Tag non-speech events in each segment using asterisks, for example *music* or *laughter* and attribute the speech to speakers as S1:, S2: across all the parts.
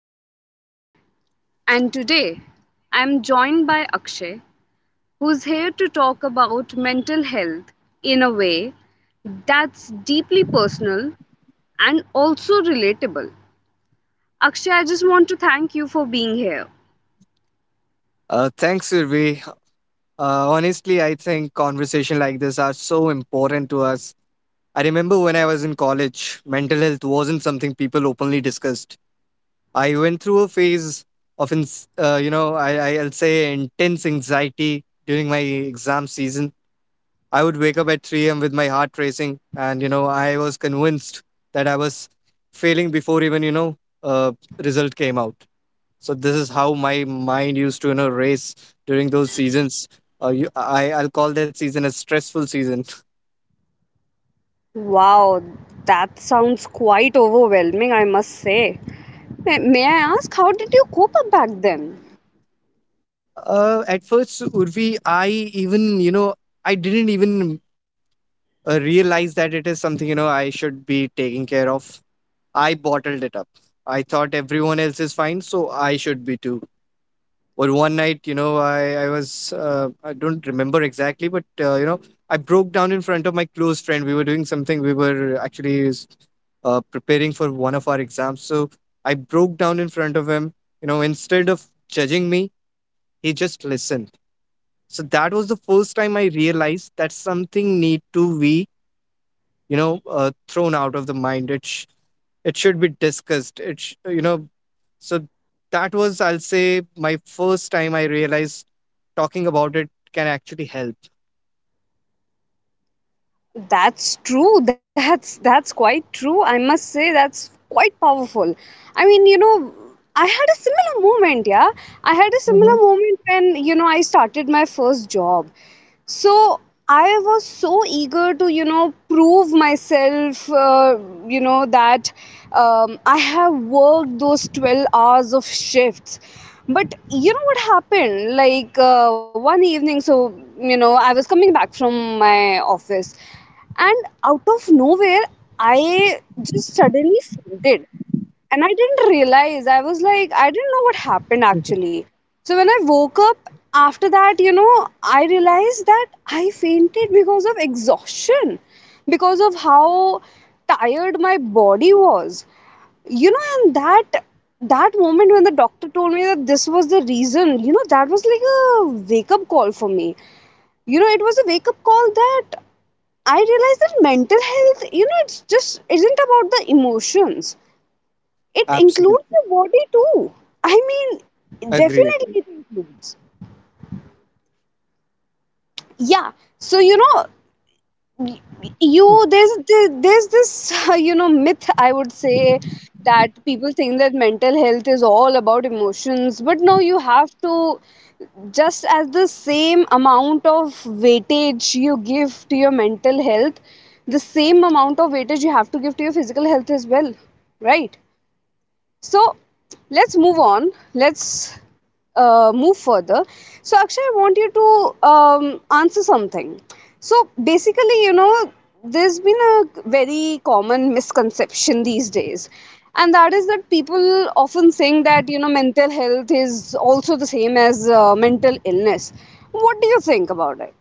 S1: I am Urvi, and today I am joined by Akshay, who's here to talk about mental health in a way that's deeply personal and also relatable. Akshay, I just want to thank you for being here.
S2: Thanks, Sirvi. Honestly, I think conversation like this are so important to us. I remember when I was in college, mental health wasn't something people openly discussed. I went through a phase of, I'll say intense anxiety during my exam season. I would wake up at 3 a.m. with my heart racing, and, I was convinced that I was failing before even, uh, result came out, so this is how my mind used to, race during those seasons. I'll call that season a stressful season.
S1: Wow, that sounds quite overwhelming, I must say. May I ask, how did you cope up back then?
S2: At first, Urvi, I even, I didn't even, realize that it is something, I should be taking care of. I bottled it up. I thought everyone else is fine, so I should be too. Or one night, I was, I don't remember exactly, but, I broke down in front of my close friend. We were doing something. We were actually preparing for one of our exams, so I broke down in front of him. You know, instead of judging me, he just listened. So that was the first time I realized that something need to be, you know thrown out of the mind. It should be discussed, it sh- you know so that was, I'll say, my first time I realized talking about it can actually help.
S1: That's true. *laughs* That's quite true. I must say that's quite powerful. I mean, you know, I had a similar moment, yeah. I had a
S2: Hmm.
S1: similar moment when, you know, I started my first job, so I was so eager to, you know, prove myself. You know that I have worked those 12 hours of shifts. But you know what happened, like, one evening, so, you know, I was coming back from my office, and out of nowhere I just suddenly fainted, and I didn't realize. I was like, I didn't know what happened actually. So when I woke up after that, you know, I realized that I fainted because of exhaustion, because of how tired my body was. You know, and that moment when the doctor told me that this was the reason, you know, that was like a wake up call for me. You know, it was a wake up call that I realized that mental health, you know, it's just isn't about the emotions, it includes
S2: Absolutely.
S1: the body too. I mean,
S2: agree
S1: definitely
S2: agree
S1: it includes. Yeah. So you know, y- you there's this *laughs* you know myth I would say, that people think that mental health is all about emotions, but no, you have to, just as the same amount of weightage you give to your mental health, the same amount of weightage you have to give to your physical health as well, right? So let's move on. Let's move further. So Akshay, I want you to answer something. So basically, you know, there's been a very common misconception these days, and that is that people often think that, you know, mental health is also the same as mental illness. What do you think about it?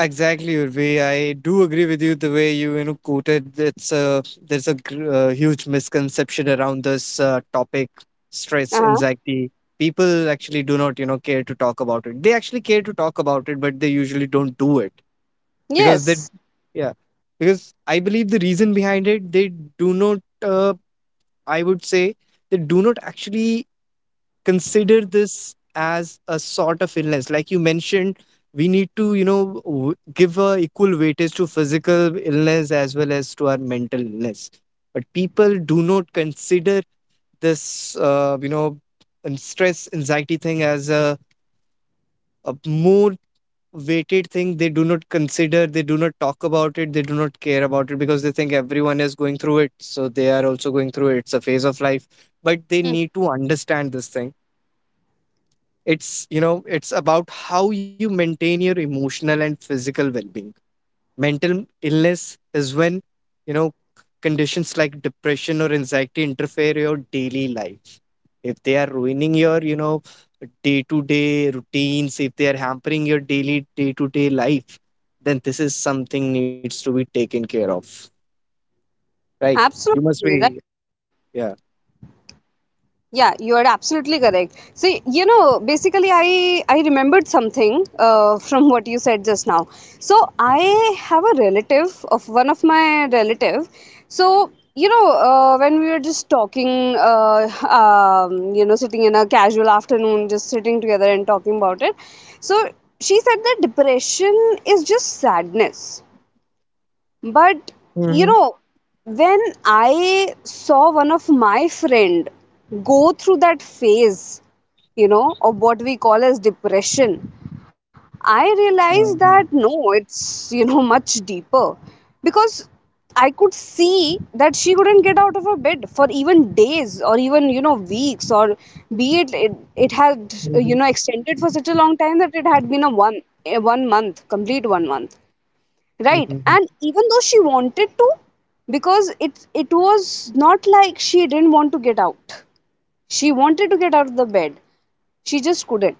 S2: Exactly, Urvi. I do agree with you the way you, you know quoted. It's a there's a gr- huge misconception around this topic, stress,
S1: Uh huh.
S2: anxiety. People actually do not, care to talk about it. They actually care to talk about it, but they usually don't do it because
S1: Yes.
S2: yeah, because I believe the reason behind it, they do not. I would say they do not actually consider this as a sort of illness. Like you mentioned, we need to, give a equal weightage to physical illness as well as to our mental illness, but people do not consider this, and stress anxiety thing as a more weighted thing. They do not consider, they do not talk about it, they do not care about it, because they think everyone is going through it, so they are also going through it. It's a phase of life, but they
S1: Hmm.
S2: need to understand this thing. It's, it's about how you maintain your emotional and physical well-being. Mental illness is when, you know conditions like depression or anxiety interfere your daily life. If they are ruining your, day-to-day routines, if they are hampering your daily day-to-day life, then this is something needs to be taken care of, right? You must
S1: Absolutely right.
S2: be, yeah.
S1: Yeah, you are absolutely correct. So, you know, basically, I remembered something from what you said just now. So, I have a relative of one of my relative. So, you know, when we were just talking, *laughs* you know, sitting in a casual afternoon, just sitting together and talking about it. So, she said that depression is just sadness, but, you
S2: Hmm.
S1: know, when I saw one of my friend go through that phase, you know, of what we call as depression, I realized that no, it's, you know, *laughs* much deeper, because I could see that she couldn't get out of her bed for even days or even, you know, weeks, or it had, you know, extended for such a long time that it had been a one month, complete one month. Right. And even though she wanted to, because it was not like she didn't want to get out. She wanted to get out of the bed. She just couldn't.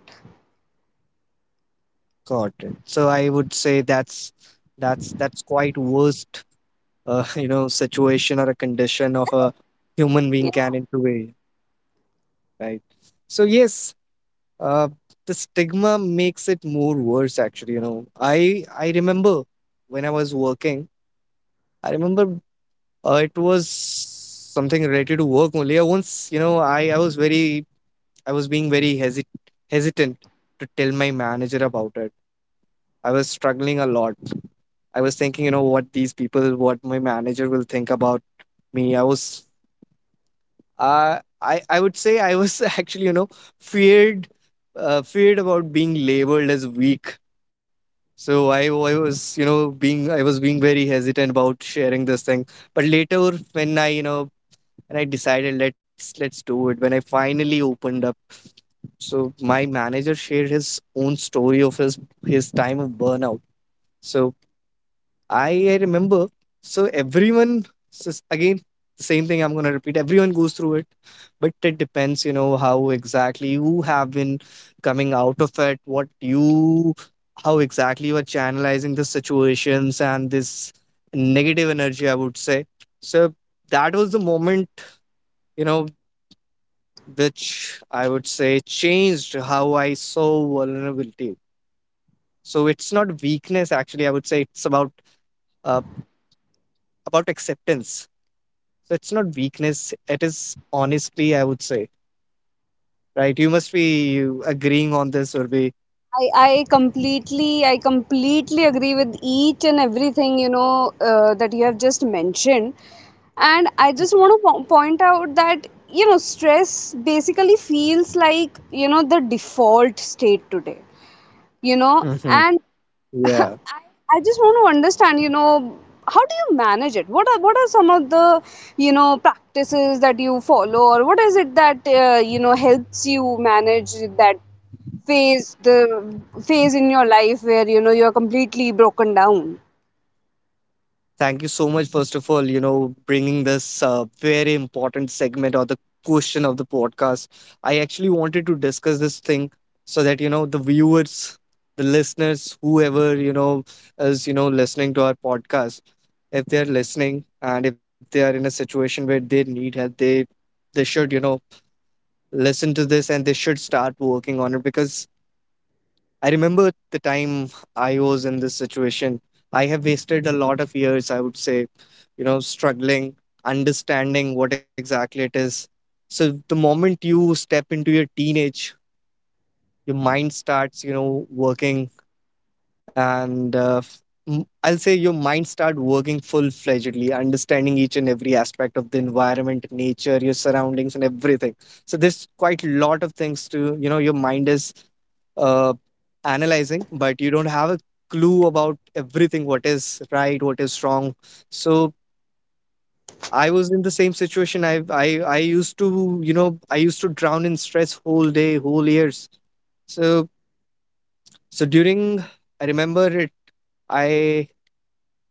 S2: Got it. So I would say that's that's quite worst *laughs* you know situation or a condition of a human
S1: Yeah,
S2: being can into, right? So yes, uh, the stigma makes it more worse actually, you know. I remember when I was working, I remember, it was something related to work only. I once, you know, I was very, I was being very hesit hesitant to tell my manager about it. I was struggling a lot. I was thinking, you know, what these people, what my manager will think about me. I was, I would say I was *laughs* actually, you know, feared, feared about being labeled as weak. So I was, you know, being, I was being very hesitant about sharing this thing. But later when I, you know, and I decided let's do it. When I finally opened up, so my manager shared his own story of his time of burnout. So I remember. So everyone so s- again Same thing I'm gonna repeat. Everyone goes through it, but it depends, you know, how exactly you have been coming out of it. How exactly you are channelizing the situations and this negative energy, I would say. So that was the moment, you know, which I would say changed how I saw vulnerability. So it's not weakness actually. I would say it's about, uh, about acceptance. So it's not weakness. It is honestly, I would say, right? You must be agreeing on this, or be.
S1: I completely agree with each and everything, you know, that you have just mentioned. And I just want to point out that, you know, stress basically feels like, you know, the default state today, you know,
S2: Hmm.
S1: and *laughs*
S2: Yeah.
S1: I, I just want to understand, you know, how do you manage it? What are some of the, you know, practices that you follow, or what is it that you know helps you manage that phase, the phase in your life where you know you're completely broken down?
S2: Thank you so much, first of all, you know, bringing this very important segment or the question of the podcast. I actually wanted to discuss this thing so that, you know, the viewers, the listeners, whoever, you know, is, you know, listening to our podcast, if they're listening and if they are in a situation where they need help, they should, you know, listen to this and they should start working on it, because I remember the time I was in this situation. I have wasted a lot of years, I would say, you know, struggling, understanding what exactly it is. So the moment you step into your teenage, your mind starts, you know, working and I'll say your mind start working full-fledgedly, understanding each and every aspect of the environment, nature, your surroundings and everything. So there's quite a lot of things to, you know, your mind is, uh, analyzing, but you don't have a clue about everything, what is right, what is wrong. So I was in the same situation. I used to, you know, I used to drown in stress whole day, whole years. So so during i remember it i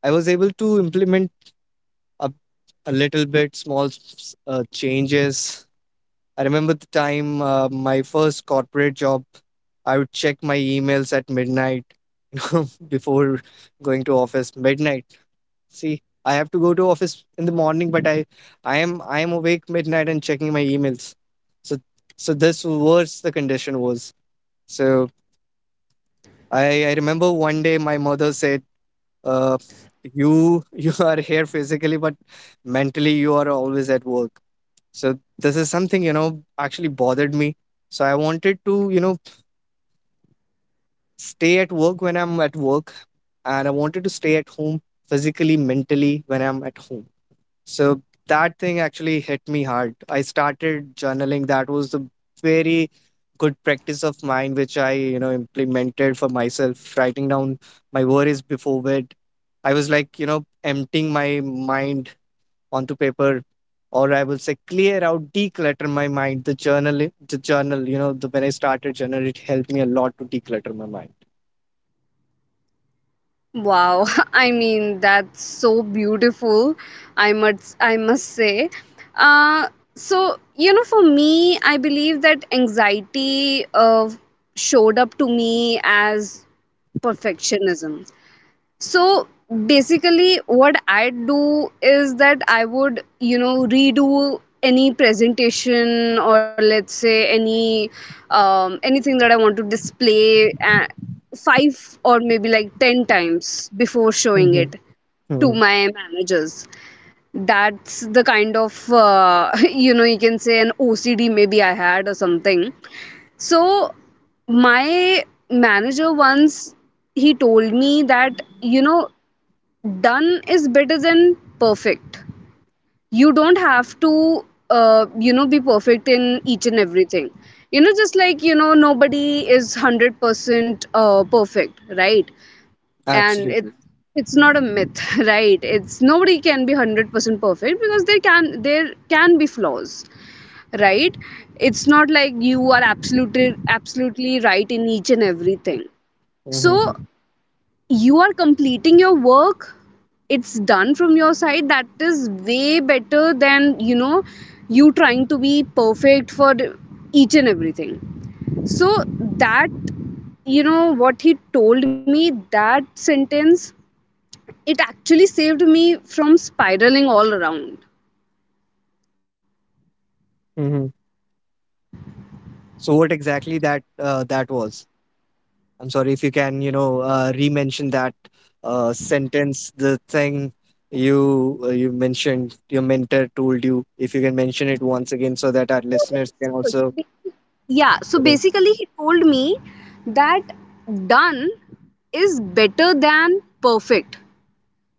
S2: I was able to implement a, a little bit small changes. I remember the time, my first corporate job, I would check my emails at midnight, *laughs* you know, before going to office. Midnight. See, I have to go to office in the morning, but I am awake midnight and checking my emails. So, so this worse the condition was. So I remember one day my mother said, uh, you *laughs* "you are here physically but mentally you are always at work." So this is something, you know, actually bothered me. So I wanted to, you know, stay at work when I'm at work, and I wanted to stay at home physically, mentally, when I'm at home. So that thing actually hit me hard. I started journaling. That was a very good practice of mine, which I, you know, implemented for myself, writing down my worries before bed. I was like, you know, emptying my mind onto paper, or I will say clear out, declutter my mind. You know, the when I started journal, it helped me a lot to declutter my mind.
S1: Wow, *laughs* I mean that's so beautiful. I must say. Uh so, you know, for me I believe that anxiety showed up to me as perfectionism. So basically, what I do is that I would, you know, redo any presentation, or let's say any anything that I want to display five or maybe like 10 times before showing it to
S2: Mm-hmm.
S1: my managers. That's the kind of *laughs* you know, you can say an OCD maybe I had or something. So my manager once, he told me that, you know, done is better than perfect. You don't have to you know be perfect in each and everything. You know, just like you know, nobody is 100% perfect, right? And it's
S2: Absolutely.
S1: it's not a myth, *laughs* right? It's nobody can be 100% perfect, because there can be flaws, right? It's not like you are absolutely right in each and everything. So
S2: Hmm.
S1: you are completing your work, it's done from your side, that is way better than, you know, you trying to be perfect for each and everything. So that, you know, what he told me, that sentence, it actually saved me from spiraling all around.
S2: Hmm. So what exactly that that was? I'm sorry if you can, you know, re-mention that sentence, the thing you, you mentioned, your mentor told you. If you can mention it once again, so that our listeners can also,
S1: Yeah, so
S2: you know,
S1: basically he told me that done is better than perfect.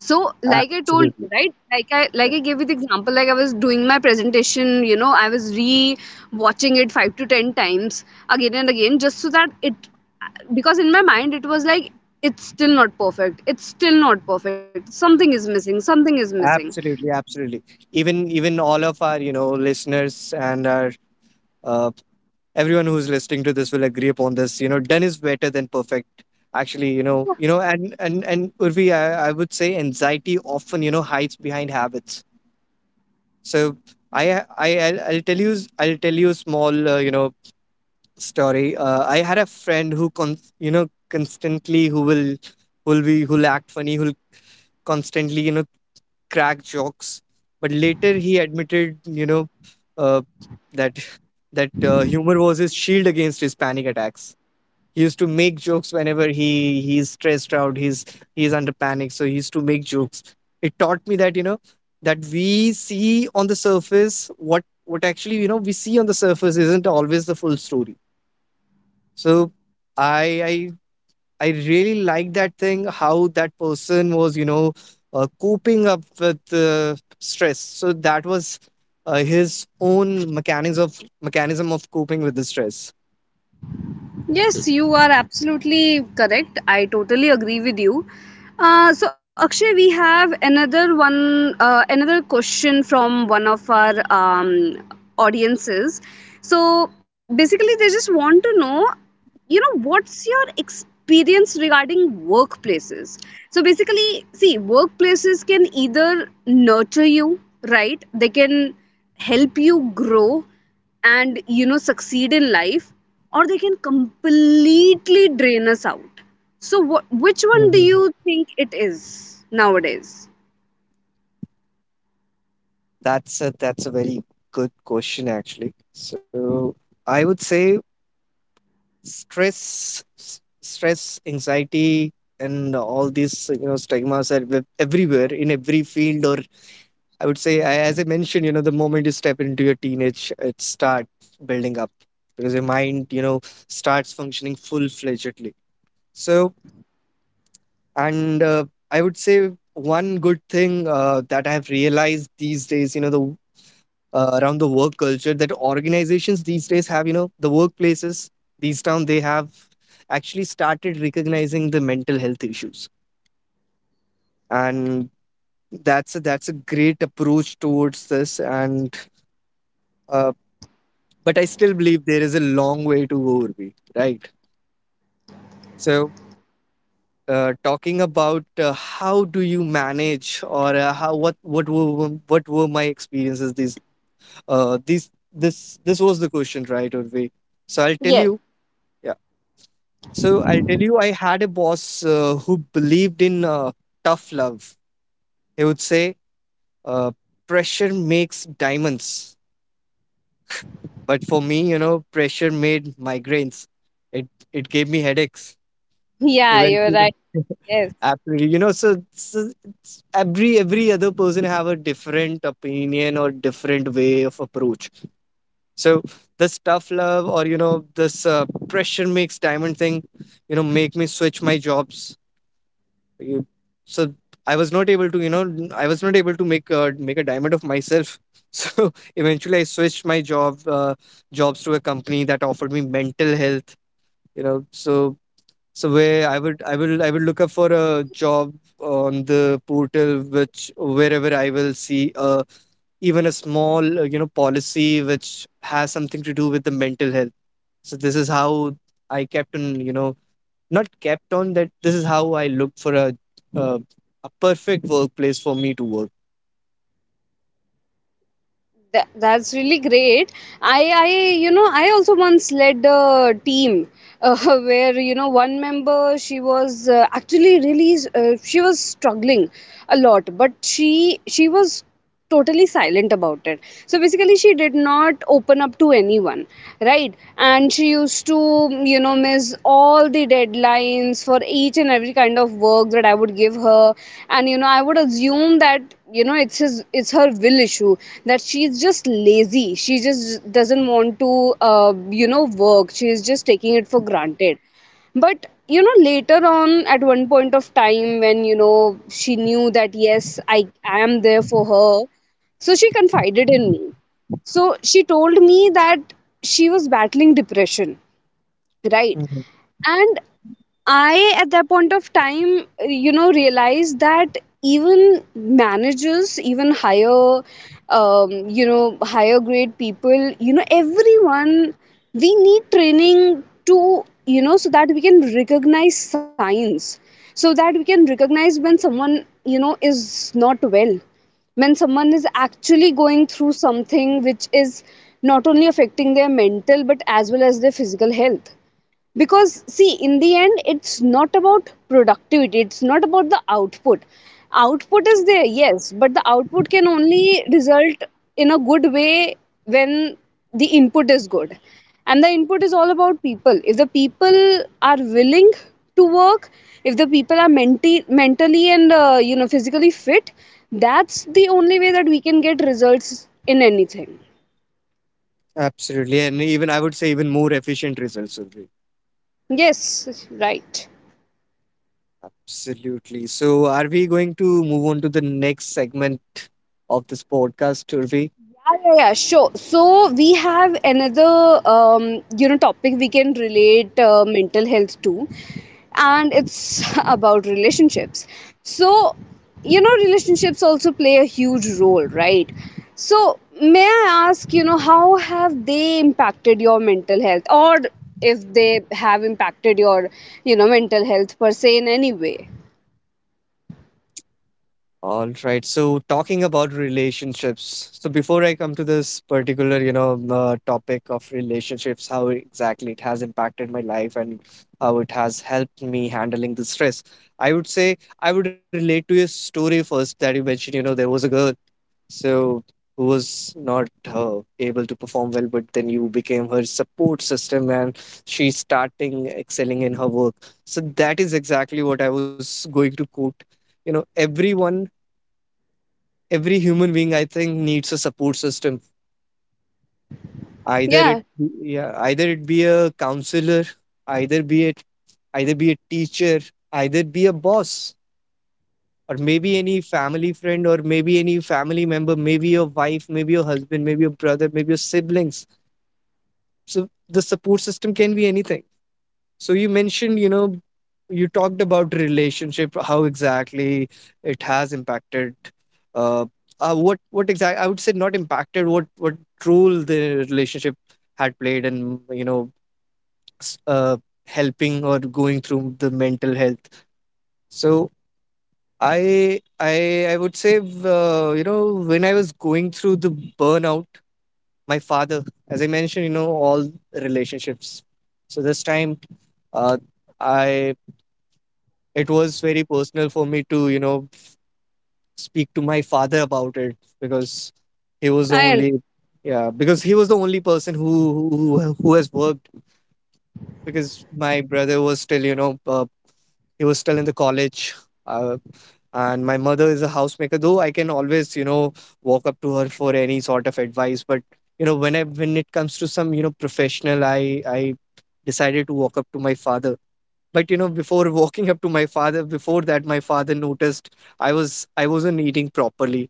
S1: So, like I told you,
S2: absolutely,
S1: right? Like I
S2: yeah,
S1: like I gave you the example, like I was doing my presentation, you know, I was re-watching it five to 10 times again and again, just so that it, because in my mind it was like, it's still not perfect. It's still not perfect. Something is missing. Something is missing.
S2: absolutely. Even, all of our, you know, listeners and our, uh, everyone who's listening to this will agree upon this. You know, done is better than perfect. Actually, you know, and Urvi, I would say anxiety often, you know, hides behind habits. So I'll tell you, I'll tell you a small, story. I had a friend who you know, constantly, who'll act funny, who'll constantly, you know, crack jokes. But later he admitted, uh, that *laughs* that humor was his shield against his panic attacks. He used to make jokes whenever he he's stressed out he's under panic, so he used to make jokes. It taught me that, you know, that we see on the surface, what actually you know we see on the surface isn't always the full story. So i i I really like that thing, how that person was, you know, coping up with stress. So that was his own mechanics of mechanism of coping with the stress.
S1: Yes, you are absolutely correct. I totally agree with you. So Akshay, we have another question from one of our audiences. So basically, they just want to know, you know, what's your experience regarding workplaces? So basically, see, workplaces can either nurture you, right? They can help you grow and, you know, succeed in life, or they can completely drain us out. So what which one do you
S2: Mhm.
S1: think it is nowadays?
S2: That's a very good question actually. So I would say stress, stress, anxiety, and all these, you know, stigmas are everywhere in every field. Or I would say, as I mentioned, you know, the moment you step into your teenage, it starts building up, because your mind, you know, starts functioning full fledgedly. So, and I would say one good thing that I've realized these days, you know, the, around the work culture that organizations these days have, you know, the workplaces these town they have actually started recognizing the mental health issues, and that's a, great approach towards this. And uh, but I still believe there is a long way to go, Urvi, right? So, talking about how do you manage, or how what were my experiences? These this this was the question, right, Urvi? So I'll tell
S1: Yes.
S2: you, yeah. So I'll tell you, I had a boss who believed in tough love. He would say, uh, "Pressure makes diamonds," but for me, pressure made migraines. It gave me headaches.
S1: Yeah, you're
S2: Eventually,
S1: right.
S2: *laughs*
S1: Yes.
S2: absolutely. You know, so, so it's every other person have a different opinion or different way of approach. So this tough love or you know this pressure makes diamond thing, you know, make me switch my jobs. You- So I was not able to, you know, I was not able to make a diamond of myself. *laughs* So eventually, I switched my jobs to a company that offered me mental health. You know, so so where I will look up for a job on the portal which wherever I will see even a small you know policy which has something to do with the mental health. So this is how I kept on you know not kept on that this is how I looked for uh, a perfect workplace for me to work.
S1: That, that's really great. I, I, you know, I also once led a team *laughs* where, you know, one member, she was actually really, she was struggling a lot, but she was totally silent about it. So basically, she did not open up to anyone, right? And she used to, you know, miss all the deadlines for each and every kind of work that I would give her. And, you know, I would assume that, you know, it's her will issue, that she's just lazy, she just doesn't want to you know work, she's just taking it for granted. But, you know, later on at one point of time, when, you know, she knew that yes, I am there for her, so she confided in me. So she told me that she was battling depression, right?
S2: Mhm.
S1: And I, at that point of time, you know, realized that even managers, even higher, you know, higher grade people, you know, everyone, we need training to, you know, so that we can recognize signs, so that we can recognize when someone, you know, is not well, when someone is actually going through something which is not only affecting their mental but as well as their physical health. Because see, in the end it's not about productivity, it's not about the output. Output is there, yes, but the output can only result in a good way when the input is good, and the input is all about people. If the people are willing to work, if the people are mentally and you know physically fit, that's the only way that we can get results in anything.
S2: Absolutely. And even I would say even more efficient results will be.
S1: Yes, right.
S2: Absolutely. So are we going to move on to the next segment of this podcast, Urvi?
S1: Ah, yeah, yeah, sure. So we have another, you know, topic we can relate mental health to, and it's *laughs* about relationships. So, you know, relationships also play a huge role, right? So, may I ask, you know, how have they impacted your mental health, or if they have impacted your, you know, mental health per se in any way?
S2: All right. So talking about relationships. So before I come to this particular, you know, topic of relationships, how exactly it has impacted my life and how it has helped me handling the stress, I would say I would relate to your story first that you mentioned. You know, there was a girl, so who was not able to perform well, but then you became her support system, and she's starting excelling in her work. So that is exactly what I was going to quote. You know, everyone, every human being, I think, needs a support system, either it,
S1: Yeah,
S2: yeah, either it be a counselor, either be it either be a teacher, either be a boss, or maybe any family friend, or maybe any family member, maybe your wife, maybe your husband, maybe your brother, maybe your siblings. So the support system can be anything. So you mentioned, you know, you talked about relationship, how exactly it has impacted. Uh, what exactly? I would say not impacted. What role the relationship had played in you know s- uh, helping or going through the mental health. So I would say you know when I was going through the burnout, my father, as I mentioned, you know all relationships. So this time, uh, I it was very personal for me to you know speak to my father about it because he was the
S1: I.
S2: only, yeah, because he was the only person who who has worked, because my brother was still you know he was still in the college, uh, and my mother is a housemaker, though I can always you know walk up to her for any sort of advice, but you know when I when it comes to some you know professional, I decided to walk up to my father. But you know before walking up to my father, before that my father noticed I wasn't eating properly,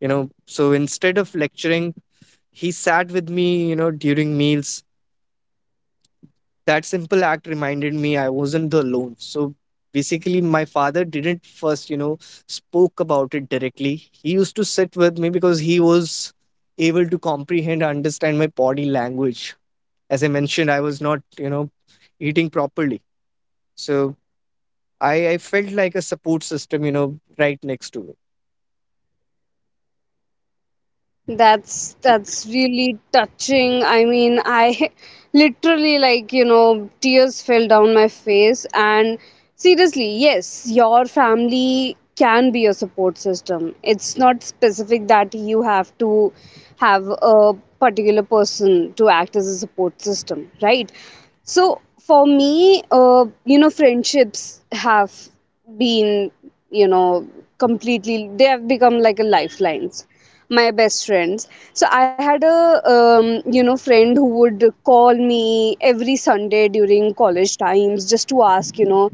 S2: you know. So instead of lecturing, he sat with me, you know, during meals. That simple act reminded me I wasn't the alone. So basically my father didn't first you know spoke about it directly. He used to sit with me because he was able to comprehend, understand my body language. As I mentioned, I was not you know eating properly. So I felt like a support system, you know, right next to me.
S1: That's really touching. I mean, I *laughs* literally like, you know, tears fell down my face. And seriously, yes, your family can be a support system. It's not specific that you have to have a particular person to act as a support system, right? So for me, friendships have been, you know, completely they have become like a lifelines, my best friends. So I had a um, friend who would call me every Sunday during college times just to ask,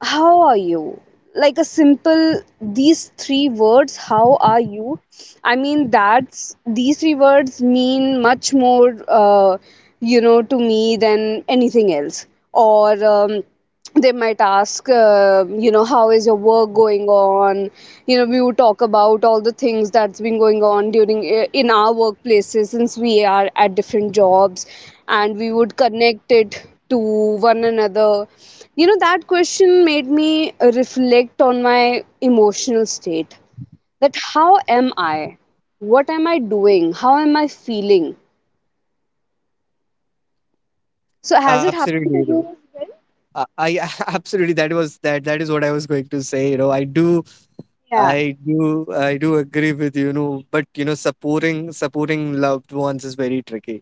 S1: how are you. Like a simple these three words, how are you. I mean that's these three words mean much more to me than anything else. Or they might ask, how is your work going on. You know we would talk about all the things that's been going on during in our workplaces since we are at different jobs, and we would connect it to one another. You know, that question made me reflect on my emotional state. That how am I? What am I doing? How am I feeling? So has it
S2: Absolutely,
S1: happened to
S2: you
S1: you as well?
S2: know. I *laughs* absolutely that was that is what I was going to say. You know, I do,
S1: Yeah.
S2: I do agree with you. You know, but you know, supporting loved ones is very tricky.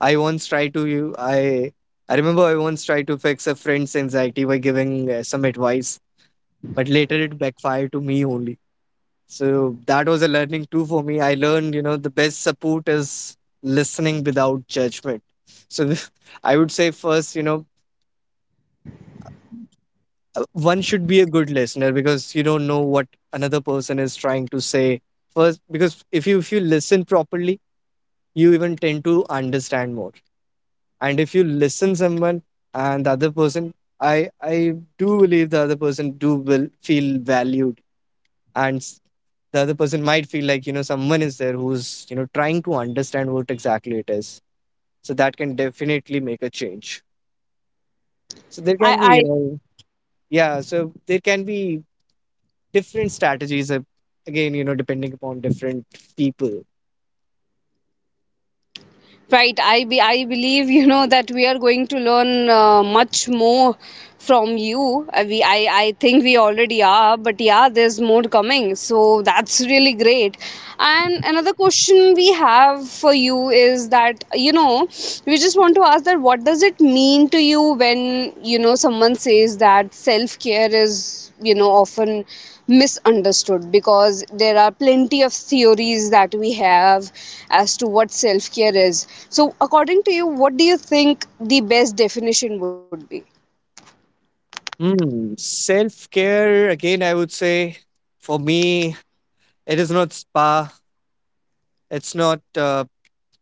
S2: I once tried to you. I remember I once tried to fix a friend's anxiety by giving some advice, but later it backfired to me only. So that was a learning too for me. I learned, you know, the best support is listening without judgment. So *laughs* I would say first, you know, one should be a good listener because you don't know what another person is trying to say first. Because if you listen properly, you even tend to understand more. And if you listen someone and the other person, I do believe the other person do will feel valued and s- the other person might feel like you know someone is there who's you know trying to understand what exactly it is. So that can definitely make a change. So there
S1: I,
S2: can be you
S1: I
S2: know, yeah, so there can be different strategies, again you know depending upon different people.
S1: Right, I believe you know that we are going to learn much more from you. We I think we already are, but yeah, there's more coming. So that's really great. And another question we have for you is that you know we just want to ask that what does it mean to you when you know someone says that self care is you know often misunderstood, because there are plenty of theories that we have as to what self care is. So according to you, what do you think the best definition would be?
S2: Mm, self care again, I would say for me, it is not spa. It's not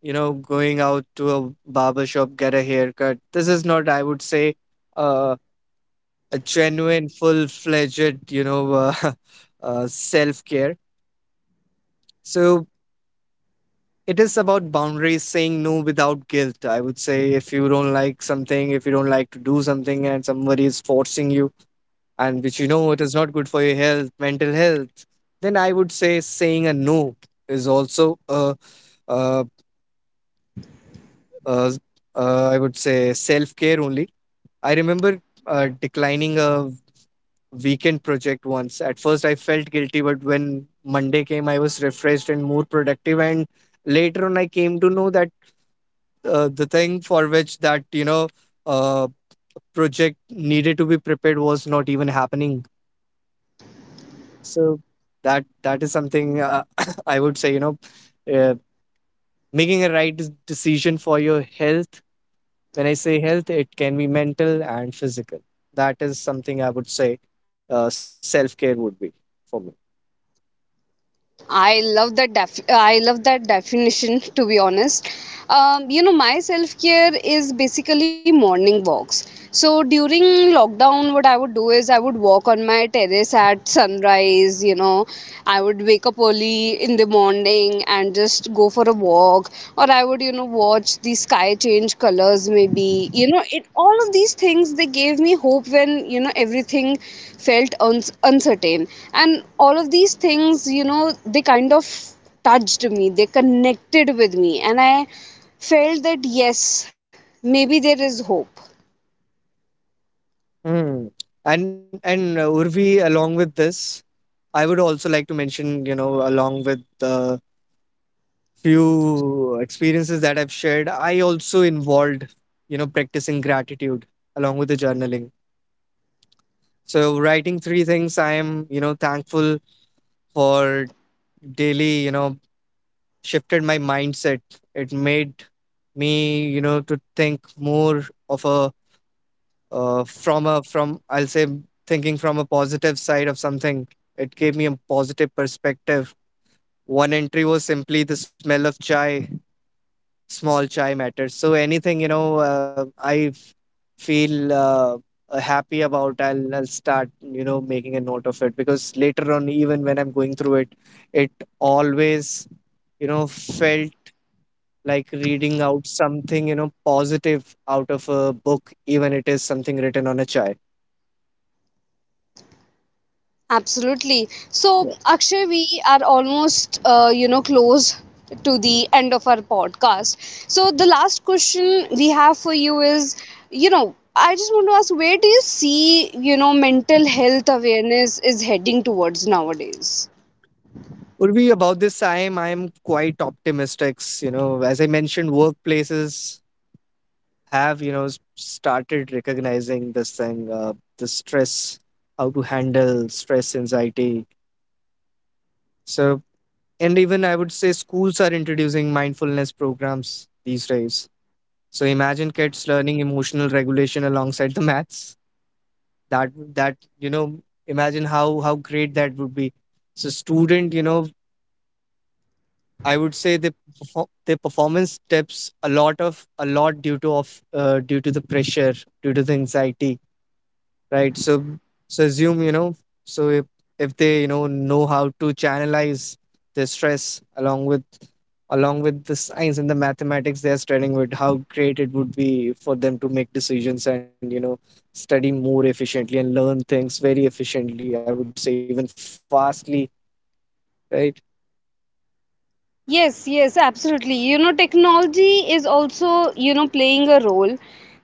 S2: you know going out to a barber shop get a haircut. This is not, I would say, uh, a genuine, full fledged you know *laughs* self care. So it is about boundaries, saying no without guilt. I would say if you don't like something, if you don't like to do something, and somebody is forcing you, and which you know it is not good for your health, mental health, then I would say saying a no is also a, uh uh I would say self care only. I remember declining a weekend project once. At first, I felt guilty, but when Monday came, I was refreshed and more productive. And later on, I came to know that the thing for which that you know uh, project needed to be prepared was not even happening. So that that is something *coughs* I would say, you know, uh, making a right decision for your health. When I say health, it can be mental and physical. That is something I would say self care would be for me.
S1: I love that definition, to be honest. You know my self care is basically morning walks. So during lockdown what I would do is I would walk on my terrace at sunrise, you know. I would wake up early in the morning and just go for a walk, or I would, you know, watch the sky change colors, maybe. You know, it all of these things they gave me hope when, you know, everything felt uns uncertain. And all of these things, you know, they kind of touched me, they connected with me, and I felt that yes, maybe there is hope.
S2: Hmm. And Urvi, along with this, I would also like to mention, you know, along with the few experiences that I've shared, I also involved, you know, practicing gratitude along with the journaling. So writing 3 things I am, you know, thankful for daily, you know, shifted my mindset. It made me, you know, to think more of a from I'll say thinking from a positive side of something. It gave me a positive perspective. One entry was simply the smell of chai. Small chai matters. So anything you know feel happy about, I'll start you know making a note of it, because later on even when I'm going through it, it always you know felt like reading out something you know positive out of a book, even it is something written on a chai.
S1: Absolutely. So,
S2: Yeah.
S1: Akshay, we are almost, you know, close to the end of our podcast. So, the last question we have for you is, you know, I just want to ask, where do you see, you know, mental health awareness is heading towards nowadays?
S2: Would be about this time I'm quite optimistic. You know, as I mentioned, workplaces have you know started recognizing this thing, the stress, how to handle stress, anxiety. So, and even I would say schools are introducing mindfulness programs these days. So imagine kids learning emotional regulation alongside the maths. That you know imagine how great that would be. So student you know I would say they their performance dips a lot of a lot due to of due to the pressure, due to the anxiety, right? So so assume you know, so if they you know how to channelize their stress along with, along with the science and the mathematics they're studying with, how great it would be for them to make decisions and you know study more efficiently and learn things very efficiently, I would say even fastly, right?
S1: Yes, yes, absolutely. You know, technology is also, you know, playing a role.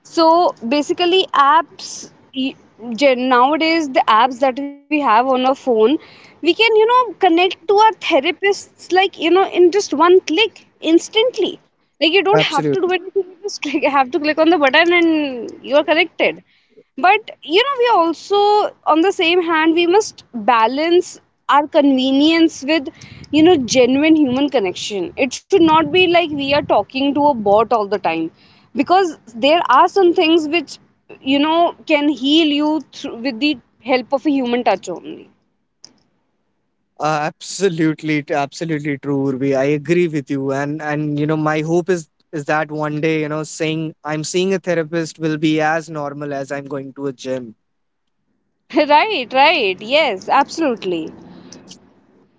S1: So basically, nowadays, the apps that we have on our phone, we can, you know, connect to our therapists like, you know, in just one click instantly. Like, you don't
S2: Absolutely.
S1: have to do anything, you just click, have to click on the button and you are connected. But you know, we also, on the same hand, we must balance our convenience with, you know, genuine human connection. It should not be like we are talking to a bot all the time, because there are some things which, you know, can heal you through with the help of a human touch only.
S2: Absolutely, absolutely true, Urvi. I agree with you, and you know, my hope is that one day, you know, saying I'm seeing a therapist will be as normal as I'm going to a gym.
S1: *laughs* Right, right. Yes, absolutely.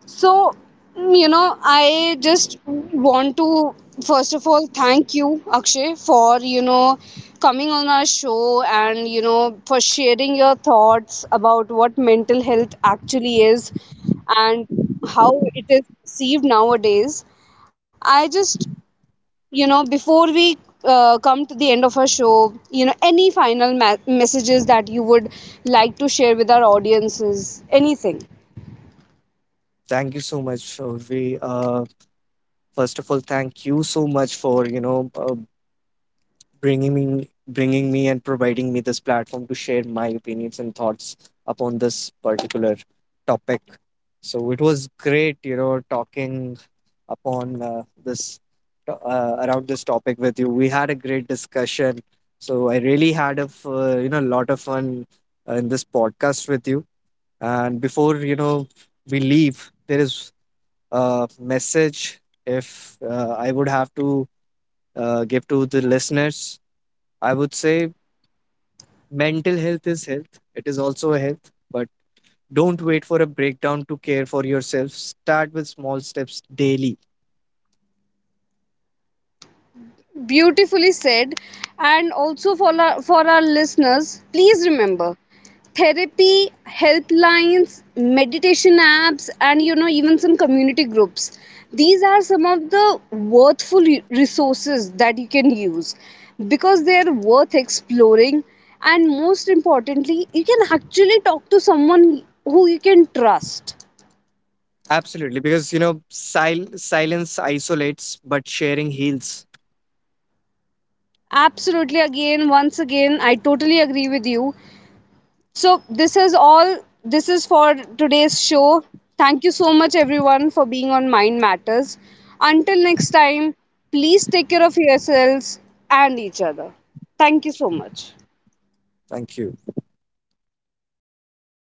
S1: So, you know, I just want to first of all thank you, Akshay, for you know coming on our show and you know for sharing your thoughts about what mental health actually is, and how it is perceived nowadays. I just you know before we come to the end of our show, you know, any final messages that you would like to share with our audiences, anything.
S2: Thank you so much, Urvi. First of all, thank you so much for you know bringing me and providing me this platform to share my opinions and thoughts upon this particular topic. So it was great you know talking upon this around this topic with you. We had a great discussion. So I really had a you know lot of fun in this podcast with you. And before you know we leave, there is a message, if I would have to give to the listeners, I would say, mental health is health. It is also a health, but don't wait for a breakdown to care for yourself. Start with small steps daily.
S1: Beautifully said. And also for our listeners, please remember therapy, helplines, meditation apps, and you know, even some community groups. These are some of the worthful resources that you can use because they are worth exploring. And most importantly, you can actually talk to someone who you can trust.
S2: Absolutely, because you know, silence isolates, but sharing heals.
S1: Absolutely, again, once again, I totally agree with you. So, this is all. This is for today's show. Thank you so much, everyone, for being on Mind Matters. Until next time, please take care of yourselves and each other. Thank you so much.
S2: Thank you.